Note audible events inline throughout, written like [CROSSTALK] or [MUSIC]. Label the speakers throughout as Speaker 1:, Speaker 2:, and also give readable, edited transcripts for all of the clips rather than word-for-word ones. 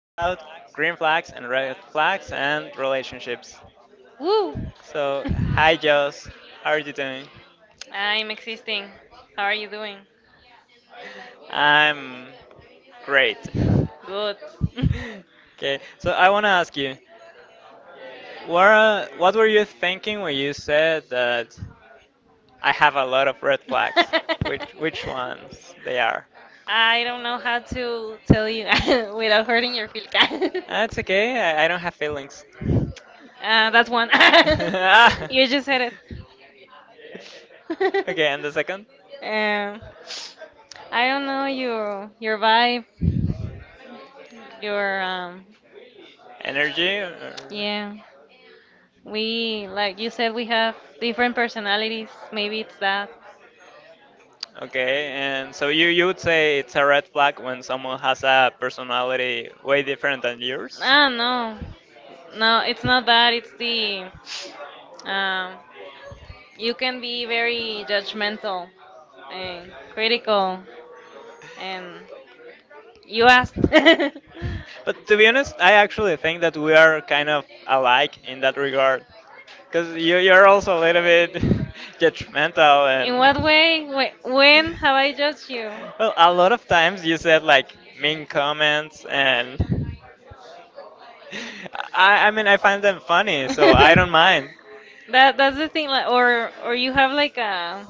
Speaker 1: green flags and red flags and relationships.
Speaker 2: Woo!
Speaker 1: So,
Speaker 2: [LAUGHS]
Speaker 1: hi Joss, how are you doing?
Speaker 2: I'm existing. How are you doing?
Speaker 1: I'm great. [LAUGHS]
Speaker 2: Good. [LAUGHS]
Speaker 1: Okay, so I want to ask you, what were you thinking when you said that I have a lot of red flags? [LAUGHS] Which ones they are?
Speaker 2: I don't know how to tell you [LAUGHS] without hurting your feelings.
Speaker 1: That's
Speaker 2: [LAUGHS]
Speaker 1: okay, I don't have feelings.
Speaker 2: That's one. [LAUGHS] You
Speaker 1: [LAUGHS] [LAUGHS]
Speaker 2: just said it.
Speaker 1: Okay, and the second?
Speaker 2: [LAUGHS] um, I don't know your vibe, your
Speaker 1: Energy? Or-
Speaker 2: yeah. We, like you said, we have different personalities. Maybe it's that.
Speaker 1: Okay, and so you would say it's a red flag when someone has a personality way different than yours?
Speaker 2: Ah, no. No, it's not that. It's the. Um, you can be very judgmental and critical, and you asked. [LAUGHS]
Speaker 1: But to be honest, I actually think that we are kind of alike in that regard. Because you're also a little bit [LAUGHS] judgmental
Speaker 2: In what
Speaker 1: and.
Speaker 2: way? When have I judged you?
Speaker 1: Well, a lot of times you said like mean comments and. I mean, I find them
Speaker 2: [LAUGHS]
Speaker 1: funny, so I
Speaker 2: that
Speaker 1: don't mind.
Speaker 2: that's the thing, like or you have like a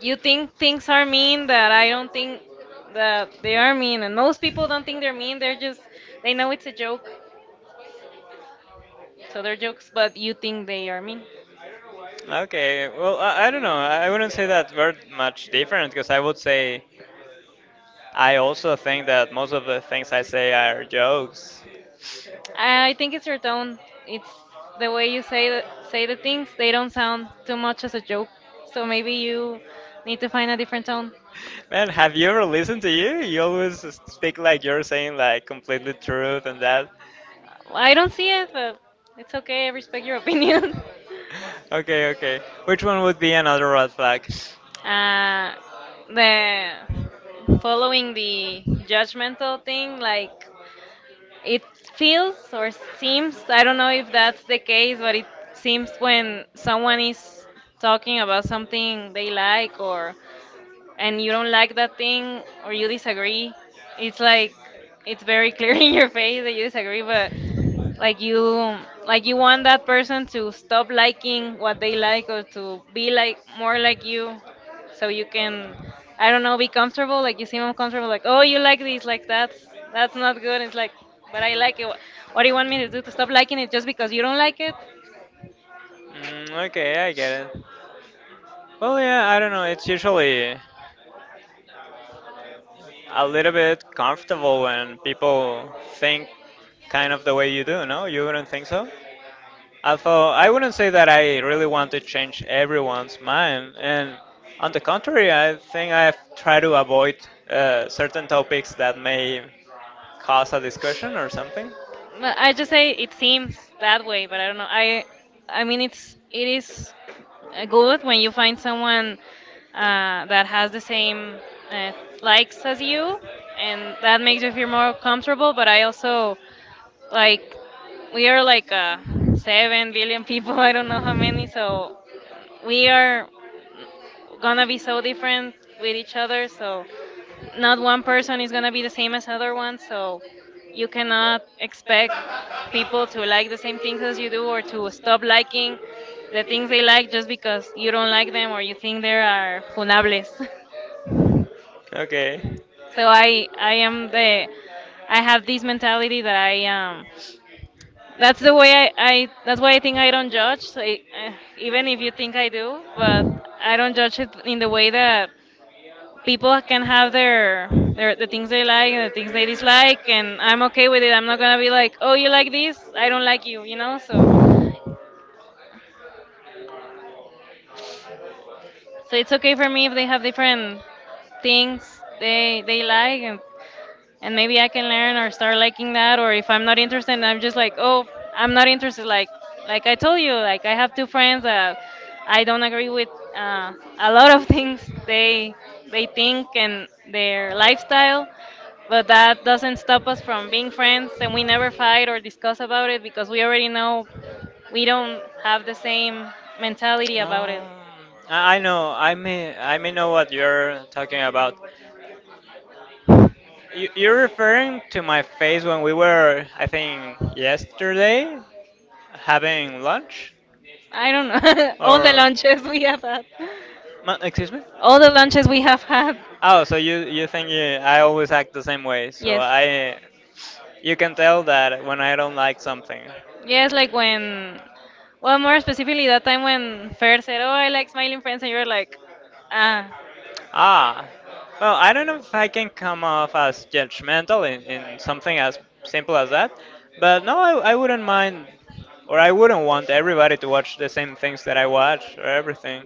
Speaker 2: you think things are mean that I don't think that they are mean, and most people don't think they're mean. They're just they know it's a joke, so they're jokes. But you think they are mean.
Speaker 1: Okay, well, I don't know. I wouldn't say that we're much different because I would say I also think that most of the things I say are jokes.
Speaker 2: I think it's your tone. It's the way you say the things. They don't sound too much as a joke. So maybe you need to find a different tone.
Speaker 1: Man, have you ever listened to you? You always speak like you're saying like completely truth and that.
Speaker 2: I don't see it, but it's okay. I respect your opinion.
Speaker 1: Okay, okay. Which one would be another red flag?
Speaker 2: [LAUGHS] uh, the following the judgmental thing, like it feels or seems, I don't know if that's the case, but it seems when someone is talking about something they like or and you don't like that thing or you disagree, it's like it's very clear [LAUGHS] in your face that you disagree, but like you like you want that person to stop liking what they like or to be like more like you, so you can, I don't know, be comfortable, like you seem uncomfortable, like, oh you like this, like that's not good. It's like but I like it. What do you want me to do to stop liking it just because you don't like it?
Speaker 1: Mm, okay, yeah, I get it. Well, yeah, I don't know. It's usually a little bit comfortable when people think kind of the way you do, no? You wouldn't think so? Although I wouldn't say that I really want to change everyone's mind, and on the contrary, I think I've tried to avoid certain topics that may cause a discussion or something.
Speaker 2: But I just say it seems that way, but I don't know. I mean it is good when you find someone that has the same uh, likes as you, and that makes you feel more comfortable. But I also like we are like 7 billion people. [LAUGHS] I don't know how many, so we are gonna be so different with each other. So not one person is gonna be the same as other one. So you cannot expect people to like the same things as you do or to stop liking the things they like just because you don't like them or you think they are funables.
Speaker 1: Okay.
Speaker 2: [LAUGHS] So I am the I have this mentality that I that's the way I, that's why I think I don't judge, so I, even if you think I do, but I don't judge it in the way that people can have their the things they like and the things they dislike, and I'm okay with it. I'm not gonna be like, oh you like this, I don't like you know, so so it's okay for me if they have different things they like and maybe I can learn or start liking that. Or if I'm not interested, I'm just like, oh, I'm not interested. Like I told you, like I have two friends that I don't agree with uh, a lot of [LAUGHS] things they think and their lifestyle, but that doesn't stop us from being friends, and we never fight or discuss about it because we already know we don't have the same mentality about it.
Speaker 1: I know. I may know what you're talking about. You're referring to my face when we were, I think, yesterday having lunch,
Speaker 2: I don't know [LAUGHS] all the
Speaker 1: or
Speaker 2: lunches we have had,
Speaker 1: Ma- excuse me?
Speaker 2: all the lunches we have had.
Speaker 1: Oh, so you think you, I always act the same way? So
Speaker 2: Yes.
Speaker 1: I, you can tell that when I don't like something.
Speaker 2: Yes, like when, well, more specifically, that time when Fer said, "Oh, I like smiling friends," and you were like, "Ah,
Speaker 1: Ah, well, I don't know if I can come off as judgmental in something as simple as that, but no, I wouldn't mind, or I wouldn't want everybody to watch the same things that I watch or everything.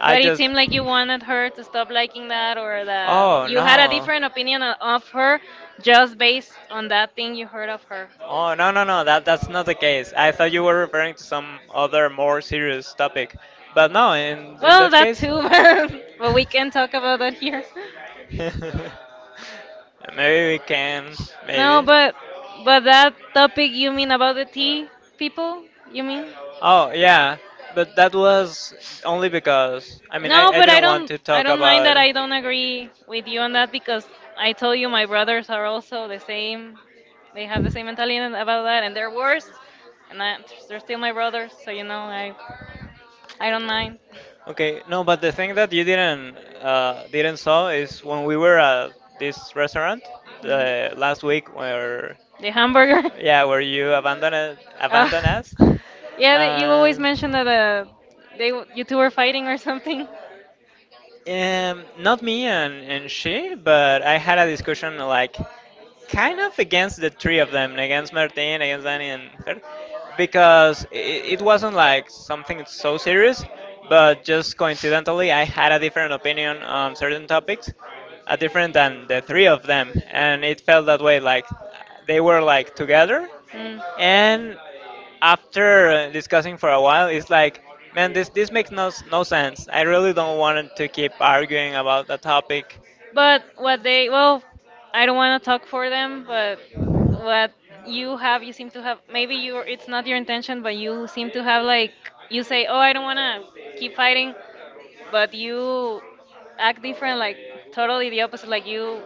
Speaker 1: I
Speaker 2: but it
Speaker 1: just.
Speaker 2: seemed like you wanted her to stop liking that, or that
Speaker 1: Oh,
Speaker 2: you had a
Speaker 1: no.
Speaker 2: different opinion of her just based on that thing you heard of her."
Speaker 1: Oh, no, no, no, that's not the case. I thought you were referring to some other more serious topic. But no, in
Speaker 2: Well,
Speaker 1: that
Speaker 2: that
Speaker 1: case.
Speaker 2: too, [LAUGHS] but we
Speaker 1: [LAUGHS]
Speaker 2: can talk
Speaker 1: [LAUGHS]
Speaker 2: about that here.
Speaker 1: Maybe we can.
Speaker 2: No,
Speaker 1: Maybe.
Speaker 2: but that topic you mean about the tea people? You mean?
Speaker 1: Oh, yeah. But that was only because, I mean,
Speaker 2: No,
Speaker 1: I
Speaker 2: but I
Speaker 1: didn't want
Speaker 2: don't
Speaker 1: to
Speaker 2: I
Speaker 1: talk
Speaker 2: don't mind
Speaker 1: about.
Speaker 2: that I don't agree with you on that because I told you my brothers are also the same. They have the same mentality about that, and they're worse, and I, they're still my brothers. So you know, I don't mind.
Speaker 1: Okay, no, but the thing that you didn't uh,
Speaker 2: [LAUGHS]
Speaker 1: didn't saw is when we were at this restaurant the last week where
Speaker 2: The hamburger?
Speaker 1: Yeah,
Speaker 2: [LAUGHS]
Speaker 1: where you abandoned
Speaker 2: Ah,
Speaker 1: abandoned us. [LAUGHS]
Speaker 2: yeah, that you always
Speaker 1: Um,
Speaker 2: mention that they you two were fighting or something.
Speaker 1: not me and she, but I had a discussion like kind of against the three of them, against Martin, against Danny, and her, because it wasn't like something so serious, but just coincidentally, I had a different opinion on certain topics, a different than the three of them, and it felt that way like they were like together,
Speaker 2: Mm.
Speaker 1: and after discussing for a while, it's like, man, this makes no no sense. I really don't want to keep arguing about the topic.
Speaker 2: But what they, well, I don't want to talk for them, but what you have, you seem to have. Maybe you it's not your intention, but you seem to have, like, you say, oh, I don't want to keep fighting, but you act different, like totally the opposite. Like you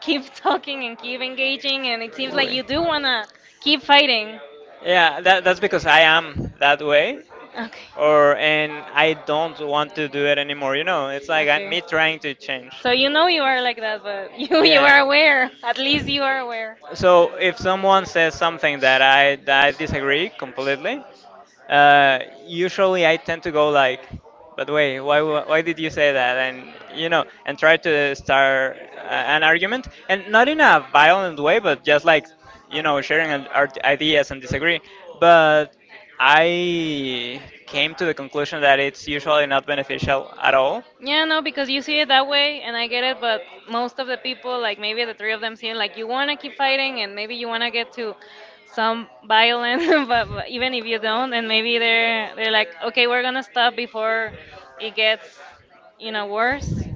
Speaker 2: keep [LAUGHS] talking and keep engaging, and it seems like
Speaker 1: Uy.
Speaker 2: you do wanna keep fighting.
Speaker 1: Yeah, that's because I am that way,
Speaker 2: Okay.
Speaker 1: or and I don't want to do it anymore. You know, it's like I,
Speaker 2: Okay.
Speaker 1: me trying to change.
Speaker 2: So
Speaker 1: [LAUGHS]
Speaker 2: you know you are like that, but [LAUGHS] you are
Speaker 1: Yeah.
Speaker 2: aware. At least you are aware.
Speaker 1: So if someone says something that I disagree completely, usually I tend to go like, but wait, why did you say that? And you know, and try to start an argument, and not in a violent way, but just like you know, sharing our ideas and disagree. But I came to the conclusion that it's usually not beneficial at all.
Speaker 2: Yeah, no, because you see it that way, and I get it. But most of the people, like maybe the three of them, seem like you wanna keep fighting, and maybe you wanna get to some violence. [LAUGHS] But even if you don't, and maybe they're like, okay, we're gonna stop before it gets, you know, worse.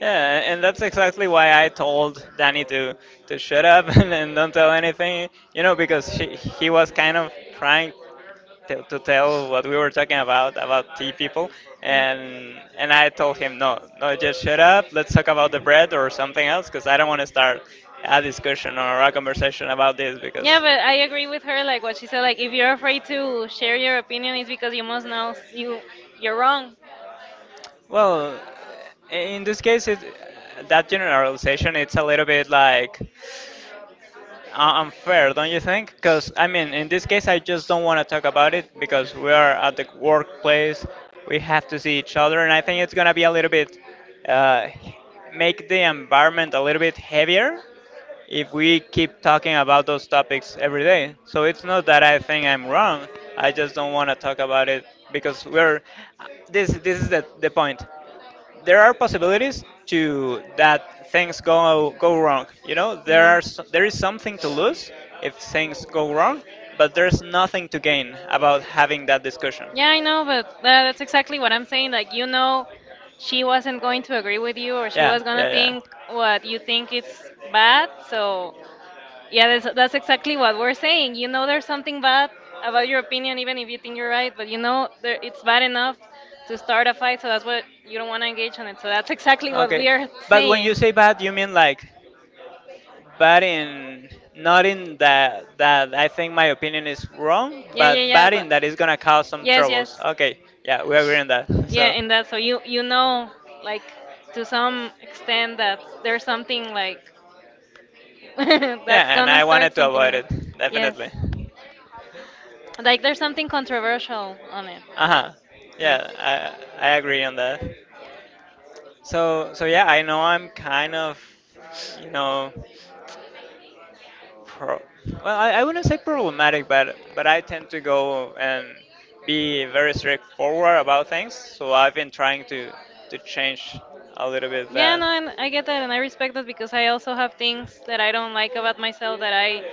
Speaker 1: Yeah, and that's exactly why I told Danny to shut up [LAUGHS] and don't tell anything, you know, because he was kind of trying to tell what we were talking about tea people, and I told him no, no, just shut up. Let's talk about the bread or something else, because I don't want to start a discussion or a conversation about this because.
Speaker 2: Yeah, but I agree with her, like what she said, like if you're afraid to share your opinion, it's because you must know you you're wrong.
Speaker 1: Well, in this case, it, that generalization it's a little bit like unfair, don't you think? Because, I mean, in this case, I just don't want to talk about it because we are at the workplace. We have to see each other, and I think it's going to be a little bit, uh, make the environment a little bit heavier if we keep talking about those topics every day. So it's not that I think I'm wrong. I just don't want to talk about it because we're this is the point there are possibilities to that things go wrong. You know, there are there is something to lose if things go wrong, but there's nothing to gain about having that discussion.
Speaker 2: Yeah, I know, but that's exactly what I'm saying. Like, you know, she wasn't going to agree with you, or she
Speaker 1: Yeah,
Speaker 2: was gonna
Speaker 1: yeah, yeah.
Speaker 2: think what you think is bad. So, yeah, that's exactly what we're saying. You know, there's something bad about your opinion, even if you think you're right. But you know, there, it's bad enough to start a fight. So that's what you don't want to engage on it. So that's exactly what
Speaker 1: Okay,
Speaker 2: we are
Speaker 1: but when you
Speaker 2: saying.
Speaker 1: say bad, you mean like bad in not in that I think my opinion is wrong,
Speaker 2: Yeah,
Speaker 1: but
Speaker 2: yeah, yeah.
Speaker 1: bad
Speaker 2: But
Speaker 1: in that it's gonna cause some
Speaker 2: yes,
Speaker 1: troubles.
Speaker 2: yes.
Speaker 1: Okay, yeah, we agree on that.
Speaker 2: Yeah,
Speaker 1: So
Speaker 2: and that so you know like to some extent that there's something like
Speaker 1: [LAUGHS]
Speaker 2: [LAUGHS] that's
Speaker 1: yeah, and
Speaker 2: gonna
Speaker 1: I
Speaker 2: start
Speaker 1: wanted to
Speaker 2: something
Speaker 1: avoid
Speaker 2: new.
Speaker 1: it definitely.
Speaker 2: Yes. Like there's something controversial on it.
Speaker 1: Uh huh.
Speaker 2: Yes.
Speaker 1: Yeah, I agree on that. So so yeah, I know I'm kind of you know Pro- well, I wouldn't say problematic, but I tend to go and be very straightforward about things. So I've been trying to change a little bit
Speaker 2: Yeah,
Speaker 1: that.
Speaker 2: no, and I get that, and I respect that because I also have things that I don't like about myself that I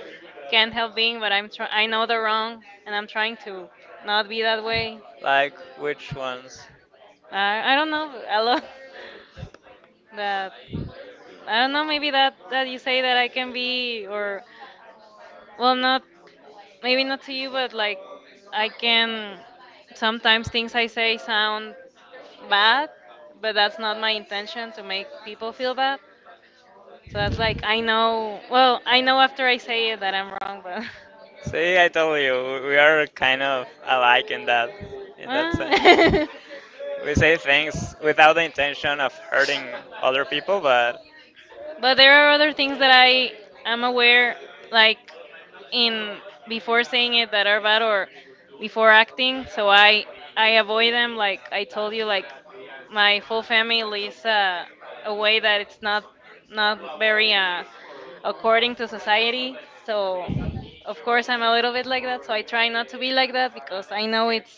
Speaker 2: can't help being, but I know they're wrong, and I'm trying to not be that way.
Speaker 1: Like which ones?
Speaker 2: I don't know, I love [LAUGHS] that. I don't know, maybe that you say that I can be, or well, not maybe not to you, but like I can sometimes things I say sound bad, but that's not my intention to make people feel bad. So that's like I know. Well, I know after I say it that I'm wrong, but.
Speaker 1: [LAUGHS]
Speaker 2: [LAUGHS]
Speaker 1: See, I told you, we are kind of alike in that sense.
Speaker 2: Ah. [LAUGHS]
Speaker 1: [LAUGHS] We say things without the intention of hurting other people, but
Speaker 2: But there are other things that I am aware, like in before saying it that are bad or before acting, so I avoid them. Like I told you, like my full family is a way that it's not very according to society. So of course I'm a little bit like that. So I try not to be like that because I know it's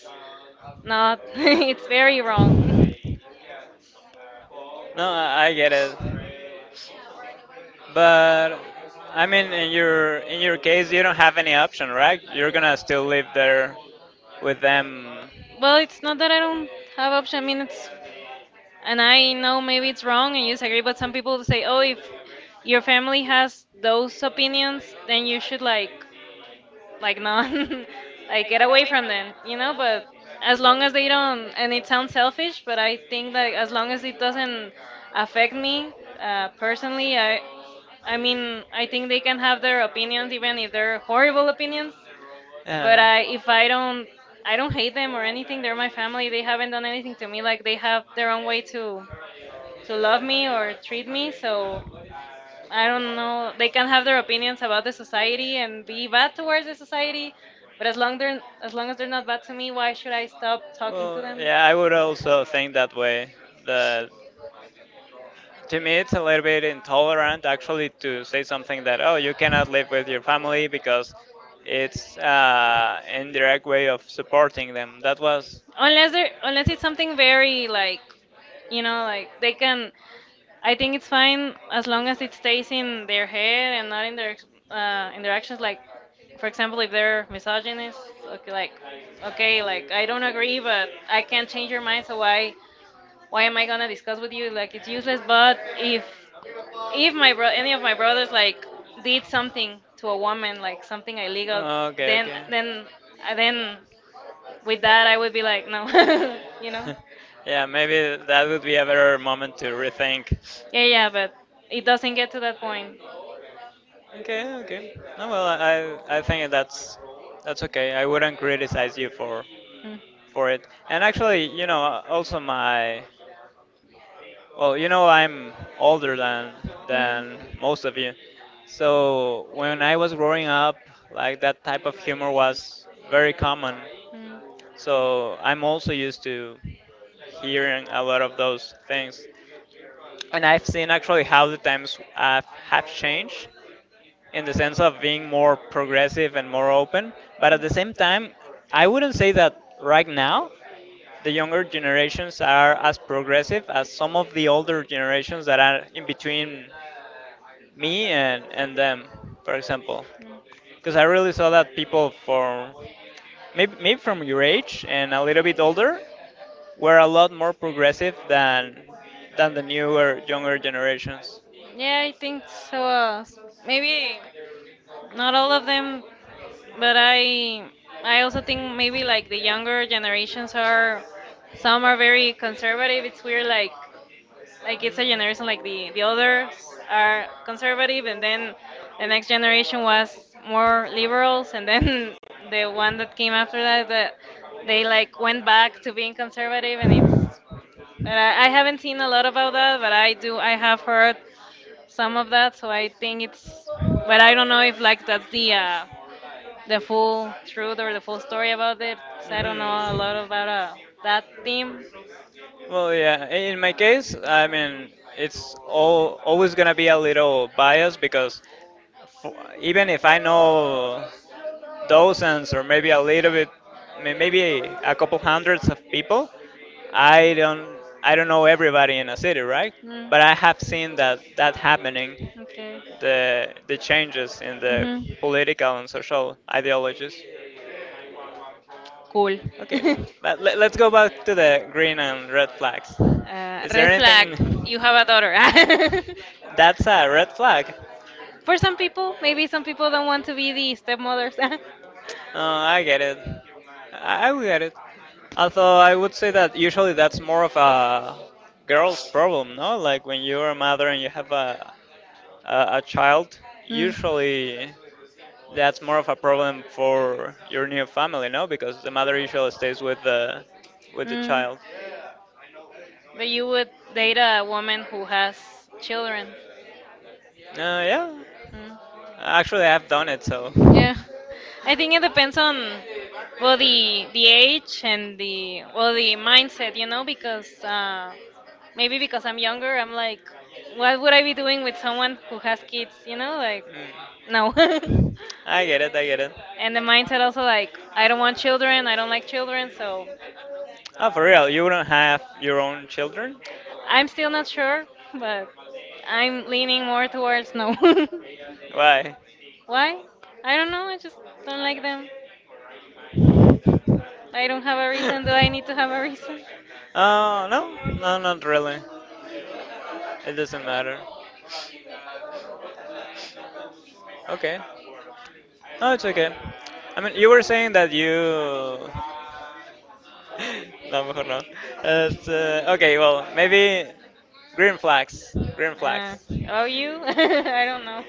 Speaker 2: not [LAUGHS] it's very wrong. [LAUGHS]
Speaker 1: no, I get it. But I mean, in your case, you don't have any option, right? You're gonna still live there with them.
Speaker 2: Well, it's not that I don't have option. I mean, it's and I know maybe it's wrong and you disagree, but some people say, "Oh, if your family has those opinions, then you should like not, [LAUGHS] like get away from them," you know. But as long as they don't, and it sounds selfish, but I think that as long as it doesn't affect me personally, I mean, I think they can have their opinions, even if they're horrible opinions. But
Speaker 1: Uh,
Speaker 2: if I don't, I don't hate them or anything. They're my family. They haven't done anything to me. Like they have their own way to love me or treat me. So I don't know. They can have their opinions about the society and be bad towards the society, but as long as they're not bad to me, why should I stop talking to
Speaker 1: well,
Speaker 2: them?
Speaker 1: yeah, I would also think that way. That to me, it's a little bit intolerant actually to say something that oh, you cannot live with your family because it's indirect way of supporting them. That was
Speaker 2: Unless they unless it's something very like you know like they can I think it's fine as long as it stays in their head and not in their in their actions. Like, for example, if they're misogynist, okay, like, okay, like I don't agree, but I can't change your mind, so why am I gonna discuss with you? Like, it's useless. But if any of my brothers like did something to a woman, like something illegal,
Speaker 1: Oh, Okay,
Speaker 2: then then then with that, I would be
Speaker 1: okay.
Speaker 2: like, no, [LAUGHS] you
Speaker 1: [LAUGHS]
Speaker 2: know?
Speaker 1: Yeah, maybe that would be a better moment to rethink.
Speaker 2: Yeah, but it doesn't get to that point.
Speaker 1: Okay, okay. No, well, I think that's okay. I wouldn't criticize you
Speaker 2: Mm. Mm.
Speaker 1: for it. And actually, you know, also my well, you know, I'm older than most of you. So when I was growing up, like that type of humor was very common.
Speaker 2: Mm.
Speaker 1: So I'm also used to hearing a lot of those things. And I've seen actually how the times have changed in the sense of being more progressive and more open. But at the same time, I wouldn't say that right now the younger generations are as progressive as some of the older generations that are in between me and them, for example. Because I
Speaker 2: Mm.
Speaker 1: really saw that people from maybe, maybe from your age and a little bit older were a lot more progressive than the newer younger generations.
Speaker 2: Yeah, I think so. Maybe not all of them, but I also think maybe like the younger generations are some are very conservative. It's weird, like like it's a generation like the others are conservative, and then the next generation was more liberals, and then [LAUGHS] the one that came after that they like went back to being conservative. And it's and I haven't seen a lot about that, but I have heard some of that, so I think it's but I don't know if like that's the full truth or the full story about it, 'cause I don't know a lot
Speaker 1: Mhm.
Speaker 2: about that theme.
Speaker 1: Well, yeah. In my case, I mean, it's all always gonna be a little biased because f- even if I know dozens or maybe a little bit, maybe a couple hundreds of people, I don't know everybody in a city, right? But I have seen that happening,
Speaker 2: Okay. The
Speaker 1: the changes in the political and social ideologies.
Speaker 2: Cool. [LAUGHS]
Speaker 1: Okay, but let's go back to the green and red flags.
Speaker 2: Uh,
Speaker 1: Is there anything
Speaker 2: You have a daughter.
Speaker 1: [LAUGHS] that's a red flag?
Speaker 2: [LAUGHS] For some people, maybe some people don't want to be the stepmothers. [LAUGHS]
Speaker 1: I get it. I will get it. Although I would say that usually that's more of a girl's problem, no? Like when you're a mother and you have a child, usually that's more of a problem for your new family, no? Because the mother usually stays with the
Speaker 2: Mm.
Speaker 1: child.
Speaker 2: But you would date a woman who has children.
Speaker 1: Yeah.
Speaker 2: Mm.
Speaker 1: Actually, I have done it, so.
Speaker 2: Yeah. I think it depends on well the age and the well the mindset, you know, because maybe because I'm younger. I'm like, what would I be doing with someone who has kids, you know, like no.
Speaker 1: Mm.
Speaker 2: [LAUGHS]
Speaker 1: I get it, I get it.
Speaker 2: And the mindset also, like, I don't want children, I don't like children, so
Speaker 1: Oh, for real, you don't have your own children?
Speaker 2: I'm still not sure, but I'm leaning more towards no.
Speaker 1: Why?
Speaker 2: [LAUGHS] Why? I don't know. I just don't like them. I don't have
Speaker 1: [LAUGHS] [LAUGHS]
Speaker 2: a reason. Do I need to have a reason?
Speaker 1: Oh, no, no, not really. It doesn't matter. Okay. No, it's okay. I mean, you were saying that you [LAUGHS] No, mejor no. It's, okay, well, maybe green flags. Green
Speaker 2: Uh,
Speaker 1: flags.
Speaker 2: oh, you? [LAUGHS] I don't know.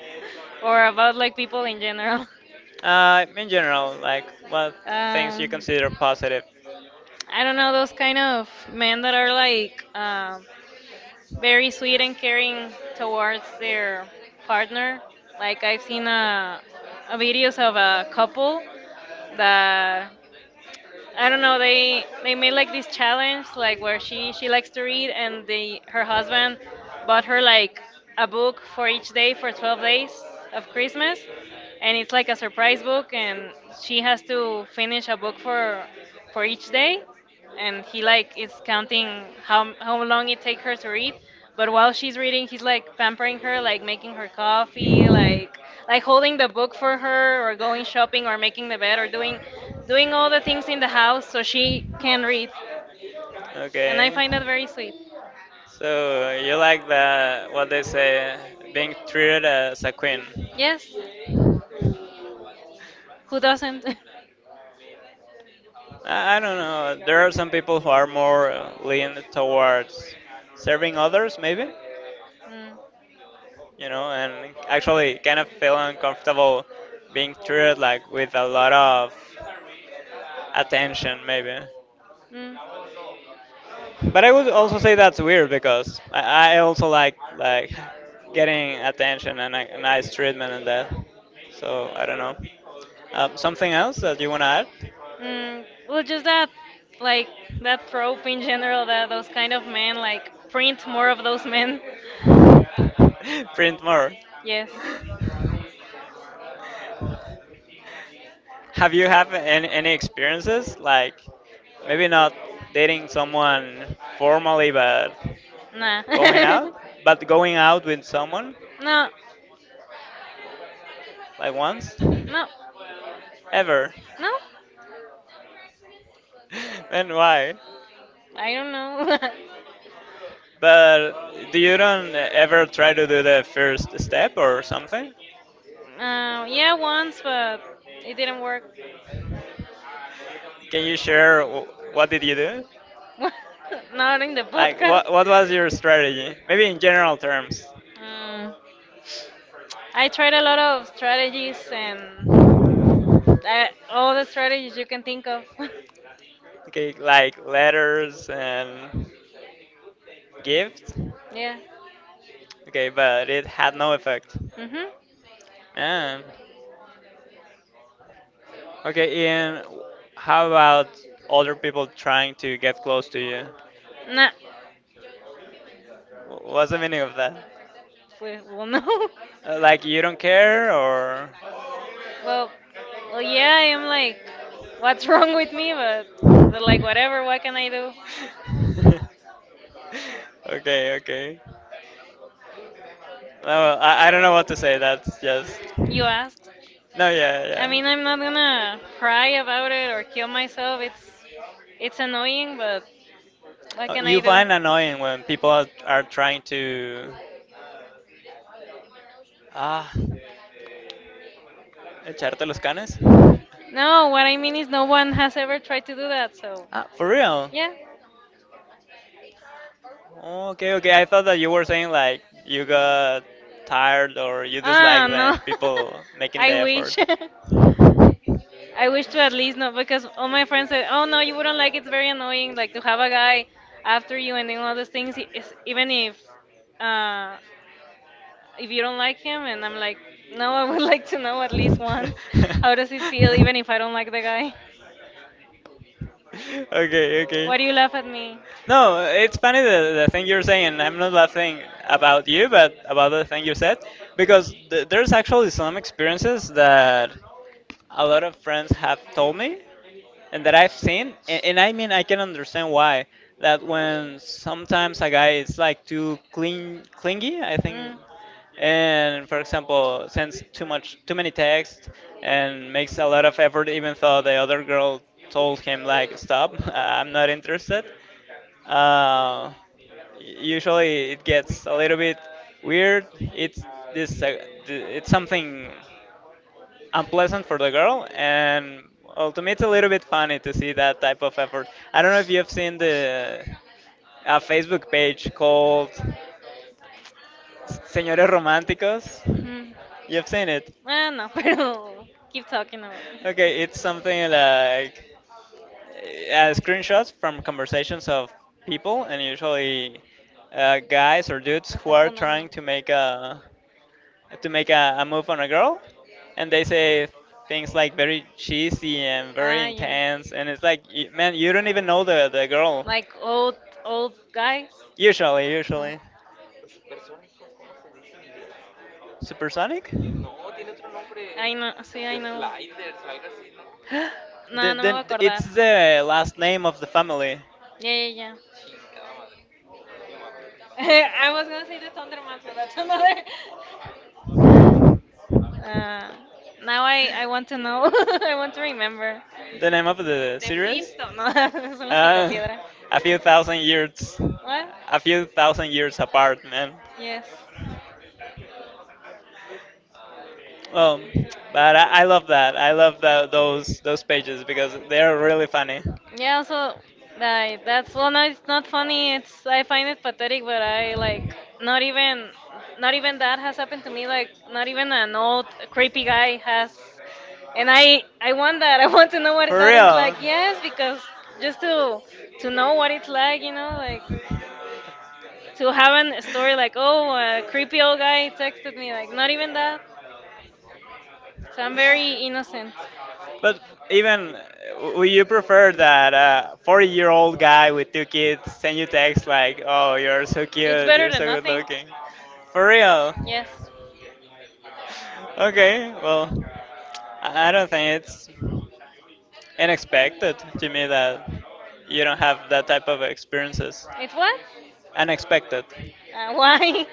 Speaker 2: Or about like people in general. [LAUGHS]
Speaker 1: In general, like what things you
Speaker 2: Um,
Speaker 1: consider positive.
Speaker 2: I don't know, those kind of men that are like very sweet and caring towards their partner. Like I've seen a videos of a couple that I don't know. They made like this challenge, like where she likes to read, and they her husband bought her like a book for each day for 12 days of Christmas, and it's like a surprise book, and she has to finish a book for each day. And he like is counting how long it take her to read, but while she's reading he's like pampering her, like making her coffee, like holding the book for her, or going shopping, or making the bed, or doing all the things in the house so she can read. And I
Speaker 1: Okay.
Speaker 2: find that very sweet.
Speaker 1: So you like the what they say, being treated as a queen.
Speaker 2: Yes, who doesn't? [LAUGHS]
Speaker 1: I don't know. There are some people who are more leaned towards serving others, maybe.
Speaker 2: Mm.
Speaker 1: You know, and actually kind of feel uncomfortable being treated like with a lot of attention, maybe.
Speaker 2: Mm,
Speaker 1: But I would also say that's weird because I also like getting attention and a nice treatment and that. So I don't know. Something else that you wanna
Speaker 2: mm, well, just that, like, that trope in general, that those kind of men, like, print more of those men.
Speaker 1: add? [LAUGHS] Print more.
Speaker 2: Yes.
Speaker 1: Have you have any experiences like maybe not dating someone formally,
Speaker 2: Nah.
Speaker 1: going
Speaker 2: [LAUGHS]
Speaker 1: out, but going out with someone
Speaker 2: No.
Speaker 1: like once
Speaker 2: No.
Speaker 1: ever?
Speaker 2: No.
Speaker 1: [LAUGHS] Then why?
Speaker 2: I don't know. [LAUGHS]
Speaker 1: But do you don't ever try to do the first step or something?
Speaker 2: Yeah, once, but it didn't work.
Speaker 1: Can you share what did you do?
Speaker 2: [LAUGHS] Not in the
Speaker 1: Like
Speaker 2: podcast.
Speaker 1: what was your strategy? Maybe in general terms.
Speaker 2: Mm, I tried a lot of strategies and all the strategies you can think of. [LAUGHS]
Speaker 1: Okay, like letters and gift?
Speaker 2: Yeah.
Speaker 1: Okay, but it had no effect.
Speaker 2: Mhm.
Speaker 1: Yeah. Okay, and how about older people trying to get close to you?
Speaker 2: Nah.
Speaker 1: What's the meaning of that?
Speaker 2: Well, no. [LAUGHS]
Speaker 1: Like you don't care or [LAUGHS]
Speaker 2: Well, well, yeah. I'm like, what's [LAUGHS] wrong with me? But like, whatever. What can I do?
Speaker 1: Okay, okay. No, well, I don't know what to say. That's just
Speaker 2: You asked.
Speaker 1: no, yeah,
Speaker 2: I mean, I'm not gonna cry
Speaker 1: yeah.
Speaker 2: about it or kill myself. It's annoying, but what can I
Speaker 1: You
Speaker 2: do?
Speaker 1: find annoying when people are trying to ah echarte los canes? No,
Speaker 2: No, what I mean is no one has ever tried to do that. So,
Speaker 1: ah, for real?
Speaker 2: yeah.
Speaker 1: Okay, okay. I thought that you were saying like you got tired or you
Speaker 2: Ah,
Speaker 1: dislike them,
Speaker 2: no.
Speaker 1: people
Speaker 2: [LAUGHS]
Speaker 1: making the
Speaker 2: I
Speaker 1: effort.
Speaker 2: wish. [LAUGHS] I wish to, at least, not because all my friends said, "Oh no, you wouldn't like it. It's very annoying, like, to have a guy after you and then all those things even uh if you don't like him." And I'm like, "No, I would [LAUGHS] like to know at least once. How does it feel even if I don't like the guy?
Speaker 1: [LAUGHS] [LAUGHS] Okay, okay.
Speaker 2: Why do you laugh at me?"
Speaker 1: No, it's funny the thing you're saying. I'm not laughing about you, but about the thing you said, because there's actually some experiences that a lot of friends have told me and that I've seen, and I mean, I can understand why. That when sometimes a guy is like too clingy, I think,
Speaker 2: Mm.
Speaker 1: and for example sends too many texts and makes a lot of effort even though the other girl told him like stop, [LAUGHS] I'm not interested. uh, Usually it gets a little bit weird. It's this it's something unpleasant for the girl. And well, to me it's a little bit funny to see that type of effort. I don't know if you've seen the a Facebook page called Señores Románticos.
Speaker 2: Mm.
Speaker 1: You've seen it.
Speaker 2: Ah, no, [LAUGHS] pero keep talking about it.
Speaker 1: Okay, it's something like screenshots from conversations of people, and usually guys or dudes
Speaker 2: Me
Speaker 1: who
Speaker 2: está
Speaker 1: are
Speaker 2: funando.
Speaker 1: trying to make a to make a move on a girl, and they say things like very cheesy and very
Speaker 2: Ah, yeah.
Speaker 1: intense, and it's like, man, you don't even know the girl.
Speaker 2: Like old, old guys.
Speaker 1: Usually,
Speaker 2: Ah.
Speaker 1: usually. Supersonic?
Speaker 2: Ay, no, sí, ay, no. No, no me voy
Speaker 1: Then
Speaker 2: a acordar.
Speaker 1: it's the last name of the family.
Speaker 2: Ya, ya, ya. [LAUGHS] I was gonna say the Thunderman, but that's another. [LAUGHS] Uh, Now I want to know. [LAUGHS] I want to remember.
Speaker 1: The name of the
Speaker 2: The
Speaker 1: series?
Speaker 2: Flintstones. No, [LAUGHS] son los
Speaker 1: Uh,
Speaker 2: Picapiedra.
Speaker 1: a few thousand years.
Speaker 2: What?
Speaker 1: A few thousand years apart, man.
Speaker 2: Yes.
Speaker 1: Well, but I love that. I love tha those pages because they're really funny.
Speaker 2: Yeah. Also, like that's well. No, it's not funny. It's I find it pathetic, but I like not even not even that has happened to me. Like not even an old creepy guy has, and I want that. [LAUGHS] I want to know what
Speaker 1: For
Speaker 2: that is
Speaker 1: real.
Speaker 2: like. Yes, because just to know what it's like, you know, like to have a story like oh, a creepy old guy texted me. Like not even that. So I'm very
Speaker 1: So
Speaker 2: innocent.
Speaker 1: but even would you prefer that a 40-year-old guy with two kids send you text like, "Oh, you're so
Speaker 2: It's
Speaker 1: cute,
Speaker 2: better
Speaker 1: you're so
Speaker 2: than
Speaker 1: good
Speaker 2: nothing.
Speaker 1: looking," for real?
Speaker 2: Yes.
Speaker 1: Okay, well, I don't think it's unexpected to me that you don't have that type of experiences.
Speaker 2: It's what?
Speaker 1: Unexpected.
Speaker 2: Why? [LAUGHS] Do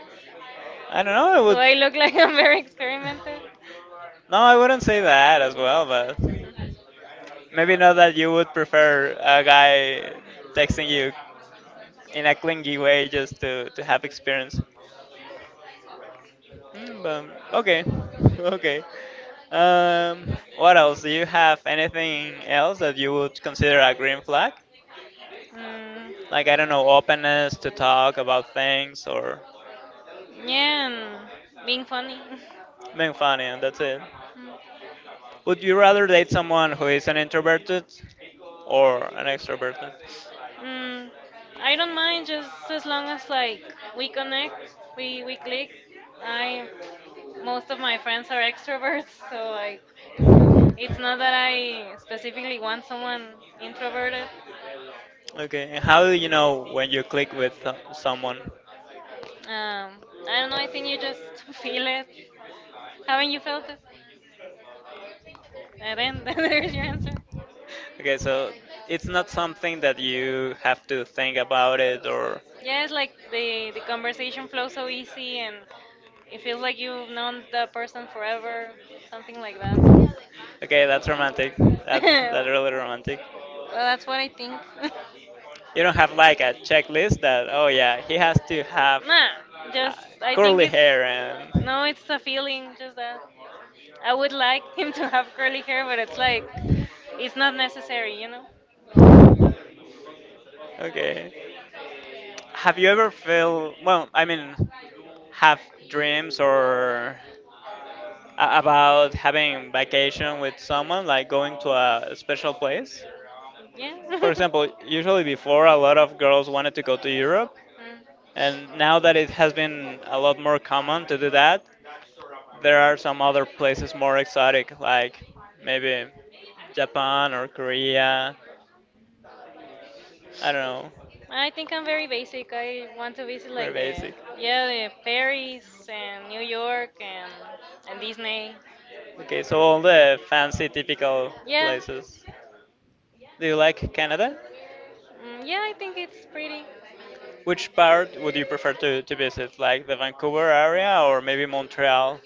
Speaker 1: I don't know. It
Speaker 2: I look like I'm very
Speaker 1: would [LAUGHS]
Speaker 2: experimental?
Speaker 1: no, I wouldn't say that as well, but maybe not that you would prefer a guy texting you in a clingy way just to have experience. Mm, but, okay, [LAUGHS] okay. What else? Do you have anything else that you would consider a green flag?
Speaker 2: Mm,
Speaker 1: Like, I don't know, openness to talk about things or
Speaker 2: yeah, and being funny. [LAUGHS]
Speaker 1: being funny, and that's it.
Speaker 2: Mm.
Speaker 1: Would you rather date someone who is an introverted or an extroverted?
Speaker 2: Mm, I don't mind, just as long as like we connect, we click. I most of my friends are extroverts, [LAUGHS] so like it's not that I specifically want someone introverted.
Speaker 1: Okay, and how do you know when you click with someone?
Speaker 2: Um, I don't know. I think you just [LAUGHS] feel it. Haven't you felt it? And then [LAUGHS] there's your answer.
Speaker 1: Okay, so it's not something that you have to think about it or.
Speaker 2: Yes, like the conversation flows so easy, and it feels like you've known the person forever, something like that.
Speaker 1: Okay, that's romantic.
Speaker 2: [LAUGHS]
Speaker 1: That's [LAUGHS]
Speaker 2: well,
Speaker 1: that's really romantic.
Speaker 2: Well, that's what I think. [LAUGHS]
Speaker 1: You don't have like a checklist that oh yeah he has to have
Speaker 2: Nah,
Speaker 1: uh,
Speaker 2: just I think
Speaker 1: curly
Speaker 2: it's
Speaker 1: hair and
Speaker 2: no, it's a feeling. Just that I would like him to have curly hair, but it's like it's not necessary, you know?
Speaker 1: okay. Have you ever felt, well, I mean, have dreams or about having vacation with someone, like going to a special place?
Speaker 2: Yeah.
Speaker 1: For
Speaker 2: [LAUGHS] Go
Speaker 1: example, usually before a lot of girls wanted to go to Europe,
Speaker 2: Mm.
Speaker 1: and now that it has been a lot more common to do that, there are some other places more exotic, like maybe Japan or Korea. I don't know.
Speaker 2: I think I'm very basic. I want to visit
Speaker 1: Very
Speaker 2: like the
Speaker 1: basic.
Speaker 2: yeah, the Paris and New York and Disney.
Speaker 1: Okay, so all the fancy typical
Speaker 2: Yeah,
Speaker 1: places. Do you like Canada?
Speaker 2: mm, yeah, I think it's pretty.
Speaker 1: Which part would you prefer to visit? Like the Vancouver area or maybe Montreal,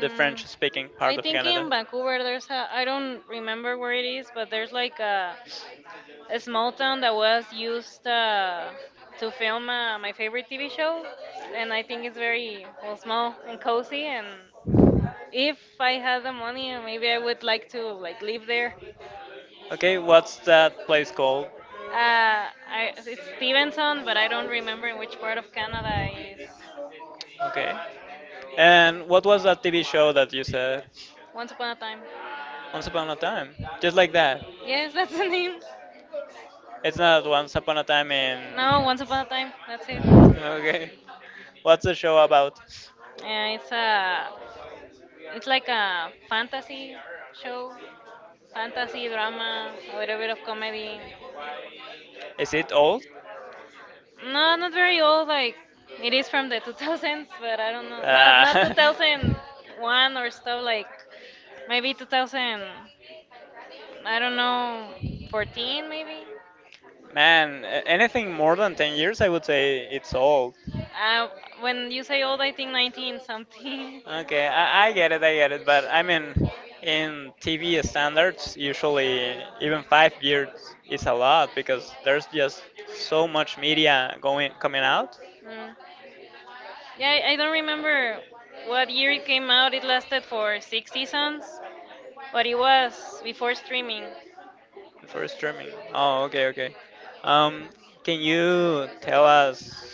Speaker 1: the French speaking part
Speaker 2: I
Speaker 1: of
Speaker 2: think
Speaker 1: Canada?
Speaker 2: in
Speaker 1: Some,
Speaker 2: Vancouver there's a I don't remember where it is, but there's like a small town that was used to film my favorite TV show, and I think it's very well small and cozy. And if I had the money, maybe I would like to like live there.
Speaker 1: okay, what's that place called?
Speaker 2: It's Stevenson, but I don't remember in which part of Canada it is.
Speaker 1: Okay. And what was that TV show that you said?
Speaker 2: Once Upon a Time.
Speaker 1: Once Upon a Time. Just like that. [LAUGHS]
Speaker 2: Yes, that's the name.
Speaker 1: It's not Once Upon a Time in.
Speaker 2: No, Once Upon a Time. That's it.
Speaker 1: Okay. What's the show about?
Speaker 2: Yeah, it's it's like a fantasy show, fantasy drama, a little bit of comedy.
Speaker 1: Is it old?
Speaker 2: No, not very old. Like it is from the 2000s, but I don't know. Not
Speaker 1: I Uh, [LAUGHS]
Speaker 2: 2001 or stuff. Like maybe 2000. I don't know, 14 maybe.
Speaker 1: man, anything more than 10 years, I would say it's old.
Speaker 2: Uh, when you say old, I think 19 something.
Speaker 1: Okay,
Speaker 2: [LAUGHS]
Speaker 1: I get it, but I mean, in TV standards, usually even 5 years is a lot because there's just so much media going coming out
Speaker 2: Mm. Yeah, I don't remember what year it came out. It lasted for six seasons, but it was before streaming.
Speaker 1: for streaming. Oh, okay, okay. Um, can you tell us?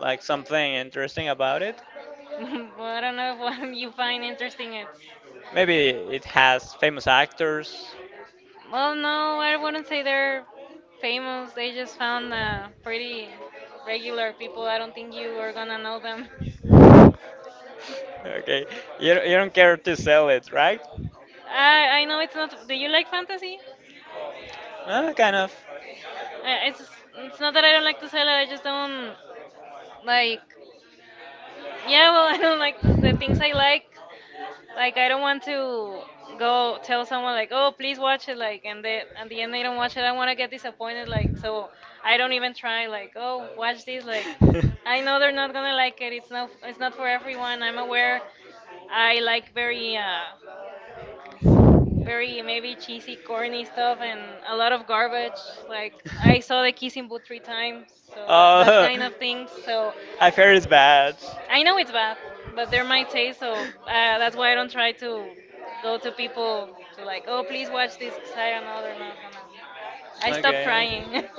Speaker 1: Like something interesting about it.
Speaker 2: [LAUGHS] Well, I don't know if [LAUGHS] what you find interesting it.
Speaker 1: Maybe it has famous actors.
Speaker 2: Well, no, I wouldn't say they're famous. They just found pretty regular people. I don't think you are gonna know them.
Speaker 1: Okay, you don't care to sell it, right?
Speaker 2: I know it's not. Do you like fantasy?
Speaker 1: Kind of.
Speaker 2: I, it's it's not that I don't like to sell it. I just don't like. Yeah, well, [LAUGHS] I don't like the things I like. Like I don't want to go tell someone like, oh, please watch it, like, and they at the end they don't watch it. I don't want to get disappointed, like, so I don't even try. Like, oh, watch this, like, I know they're not gonna like it. It's not for everyone. I'm aware. I like
Speaker 1: [LAUGHS]
Speaker 2: very maybe cheesy, corny stuff and a lot of garbage. Like I saw the kissing booth three times, so that kind of things.
Speaker 1: [LAUGHS] [LAUGHS]
Speaker 2: So
Speaker 1: I've heard it's bad.
Speaker 2: I know it's bad, but they're my taste, so that's why I don't try to go to people to like, oh, please watch this, 'cause I don't know they're not gonna. I stopped
Speaker 1: Okay.
Speaker 2: trying. [LAUGHS]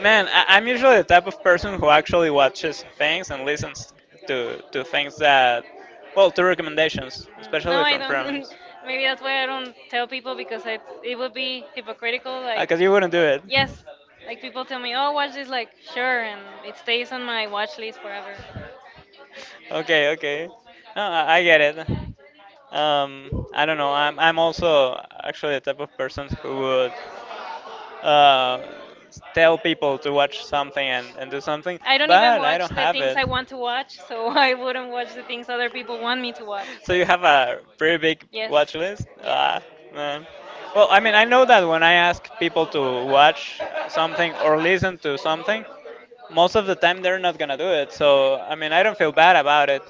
Speaker 1: Man, I'm usually the type of person who actually watches things and listens to things that, well, to recommendations, no,
Speaker 2: Mm, no,
Speaker 1: especially
Speaker 2: I
Speaker 1: from
Speaker 2: don't. [LAUGHS]
Speaker 1: friends.
Speaker 2: Maybe that's why I don't tell people, because it would be hypocritical. Like,
Speaker 1: Because you wouldn't do it.
Speaker 2: yes, like people tell me, oh, watch this, like, sure, and it stays on my watch list forever.
Speaker 1: Okay, okay. No, I get it. I don't know. I'm also actually the type of person who would uh, tell people to watch something and do something,
Speaker 2: I don't even
Speaker 1: but I
Speaker 2: watch
Speaker 1: don't
Speaker 2: the
Speaker 1: have
Speaker 2: things
Speaker 1: it.
Speaker 2: I want to watch, so [LAUGHS] I wouldn't watch the things other people want me to watch.
Speaker 1: So
Speaker 2: So
Speaker 1: [LAUGHS] you have a pretty big
Speaker 2: yes,
Speaker 1: watch list?
Speaker 2: yes.
Speaker 1: Ah, man. Well, I mean, I know that when I ask people to watch something or listen to something, most of the time they're not gonna do it. So, I mean, I don't feel bad about it,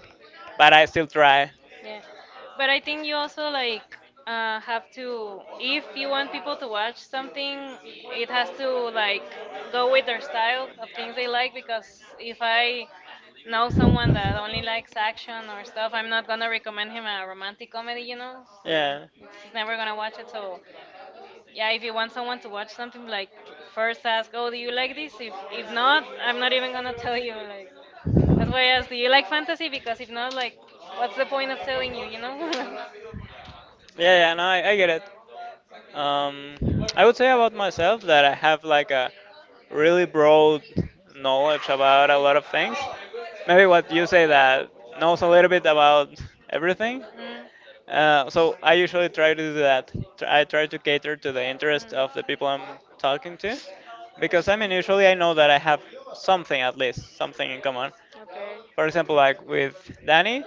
Speaker 1: but I still try.
Speaker 2: Yeah, but I think you also like have to, if you want people to watch something, it has to like go with their style of things they like. Because if I know someone that only likes action or stuff, I'm not gonna recommend him a romantic comedy, you know. So
Speaker 1: Yeah.
Speaker 2: it's, he's never gonna watch it. So yeah, if you want someone to watch something, like first ask oh do you like this, if not I'm not even gonna tell you, like that's why I asked do you like fantasy, because if not, like what's the point of telling you, you know? [LAUGHS]
Speaker 1: Yeah, yeah, no, I get it. Um, I would say about myself that I have like a really broad knowledge about a lot of things. Maybe what you say that knows a little bit about everything.
Speaker 2: Mm.
Speaker 1: So I usually try to do that. I try to cater to the interest of the people
Speaker 2: Mm.
Speaker 1: I'm talking to, because I mean usually I know that I have something at least something in common. For example, like with
Speaker 2: Okay.
Speaker 1: Danny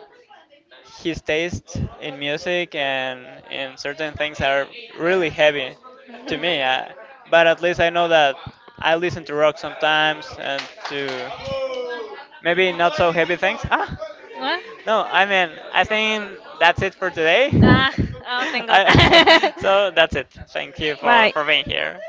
Speaker 1: his taste in music and in certain things are really heavy to me. I,
Speaker 2: [LAUGHS]
Speaker 1: but at least I know that I listen to rock sometimes and to
Speaker 2: to
Speaker 1: maybe not so heavy things. Ah,
Speaker 2: What?
Speaker 1: no, I mean, I think that's it for today. [LAUGHS]
Speaker 2: Ah, oh, thank
Speaker 1: I, [LAUGHS] so
Speaker 2: [LAUGHS]
Speaker 1: that's it. Thank you
Speaker 2: you. Bye.
Speaker 1: for being here.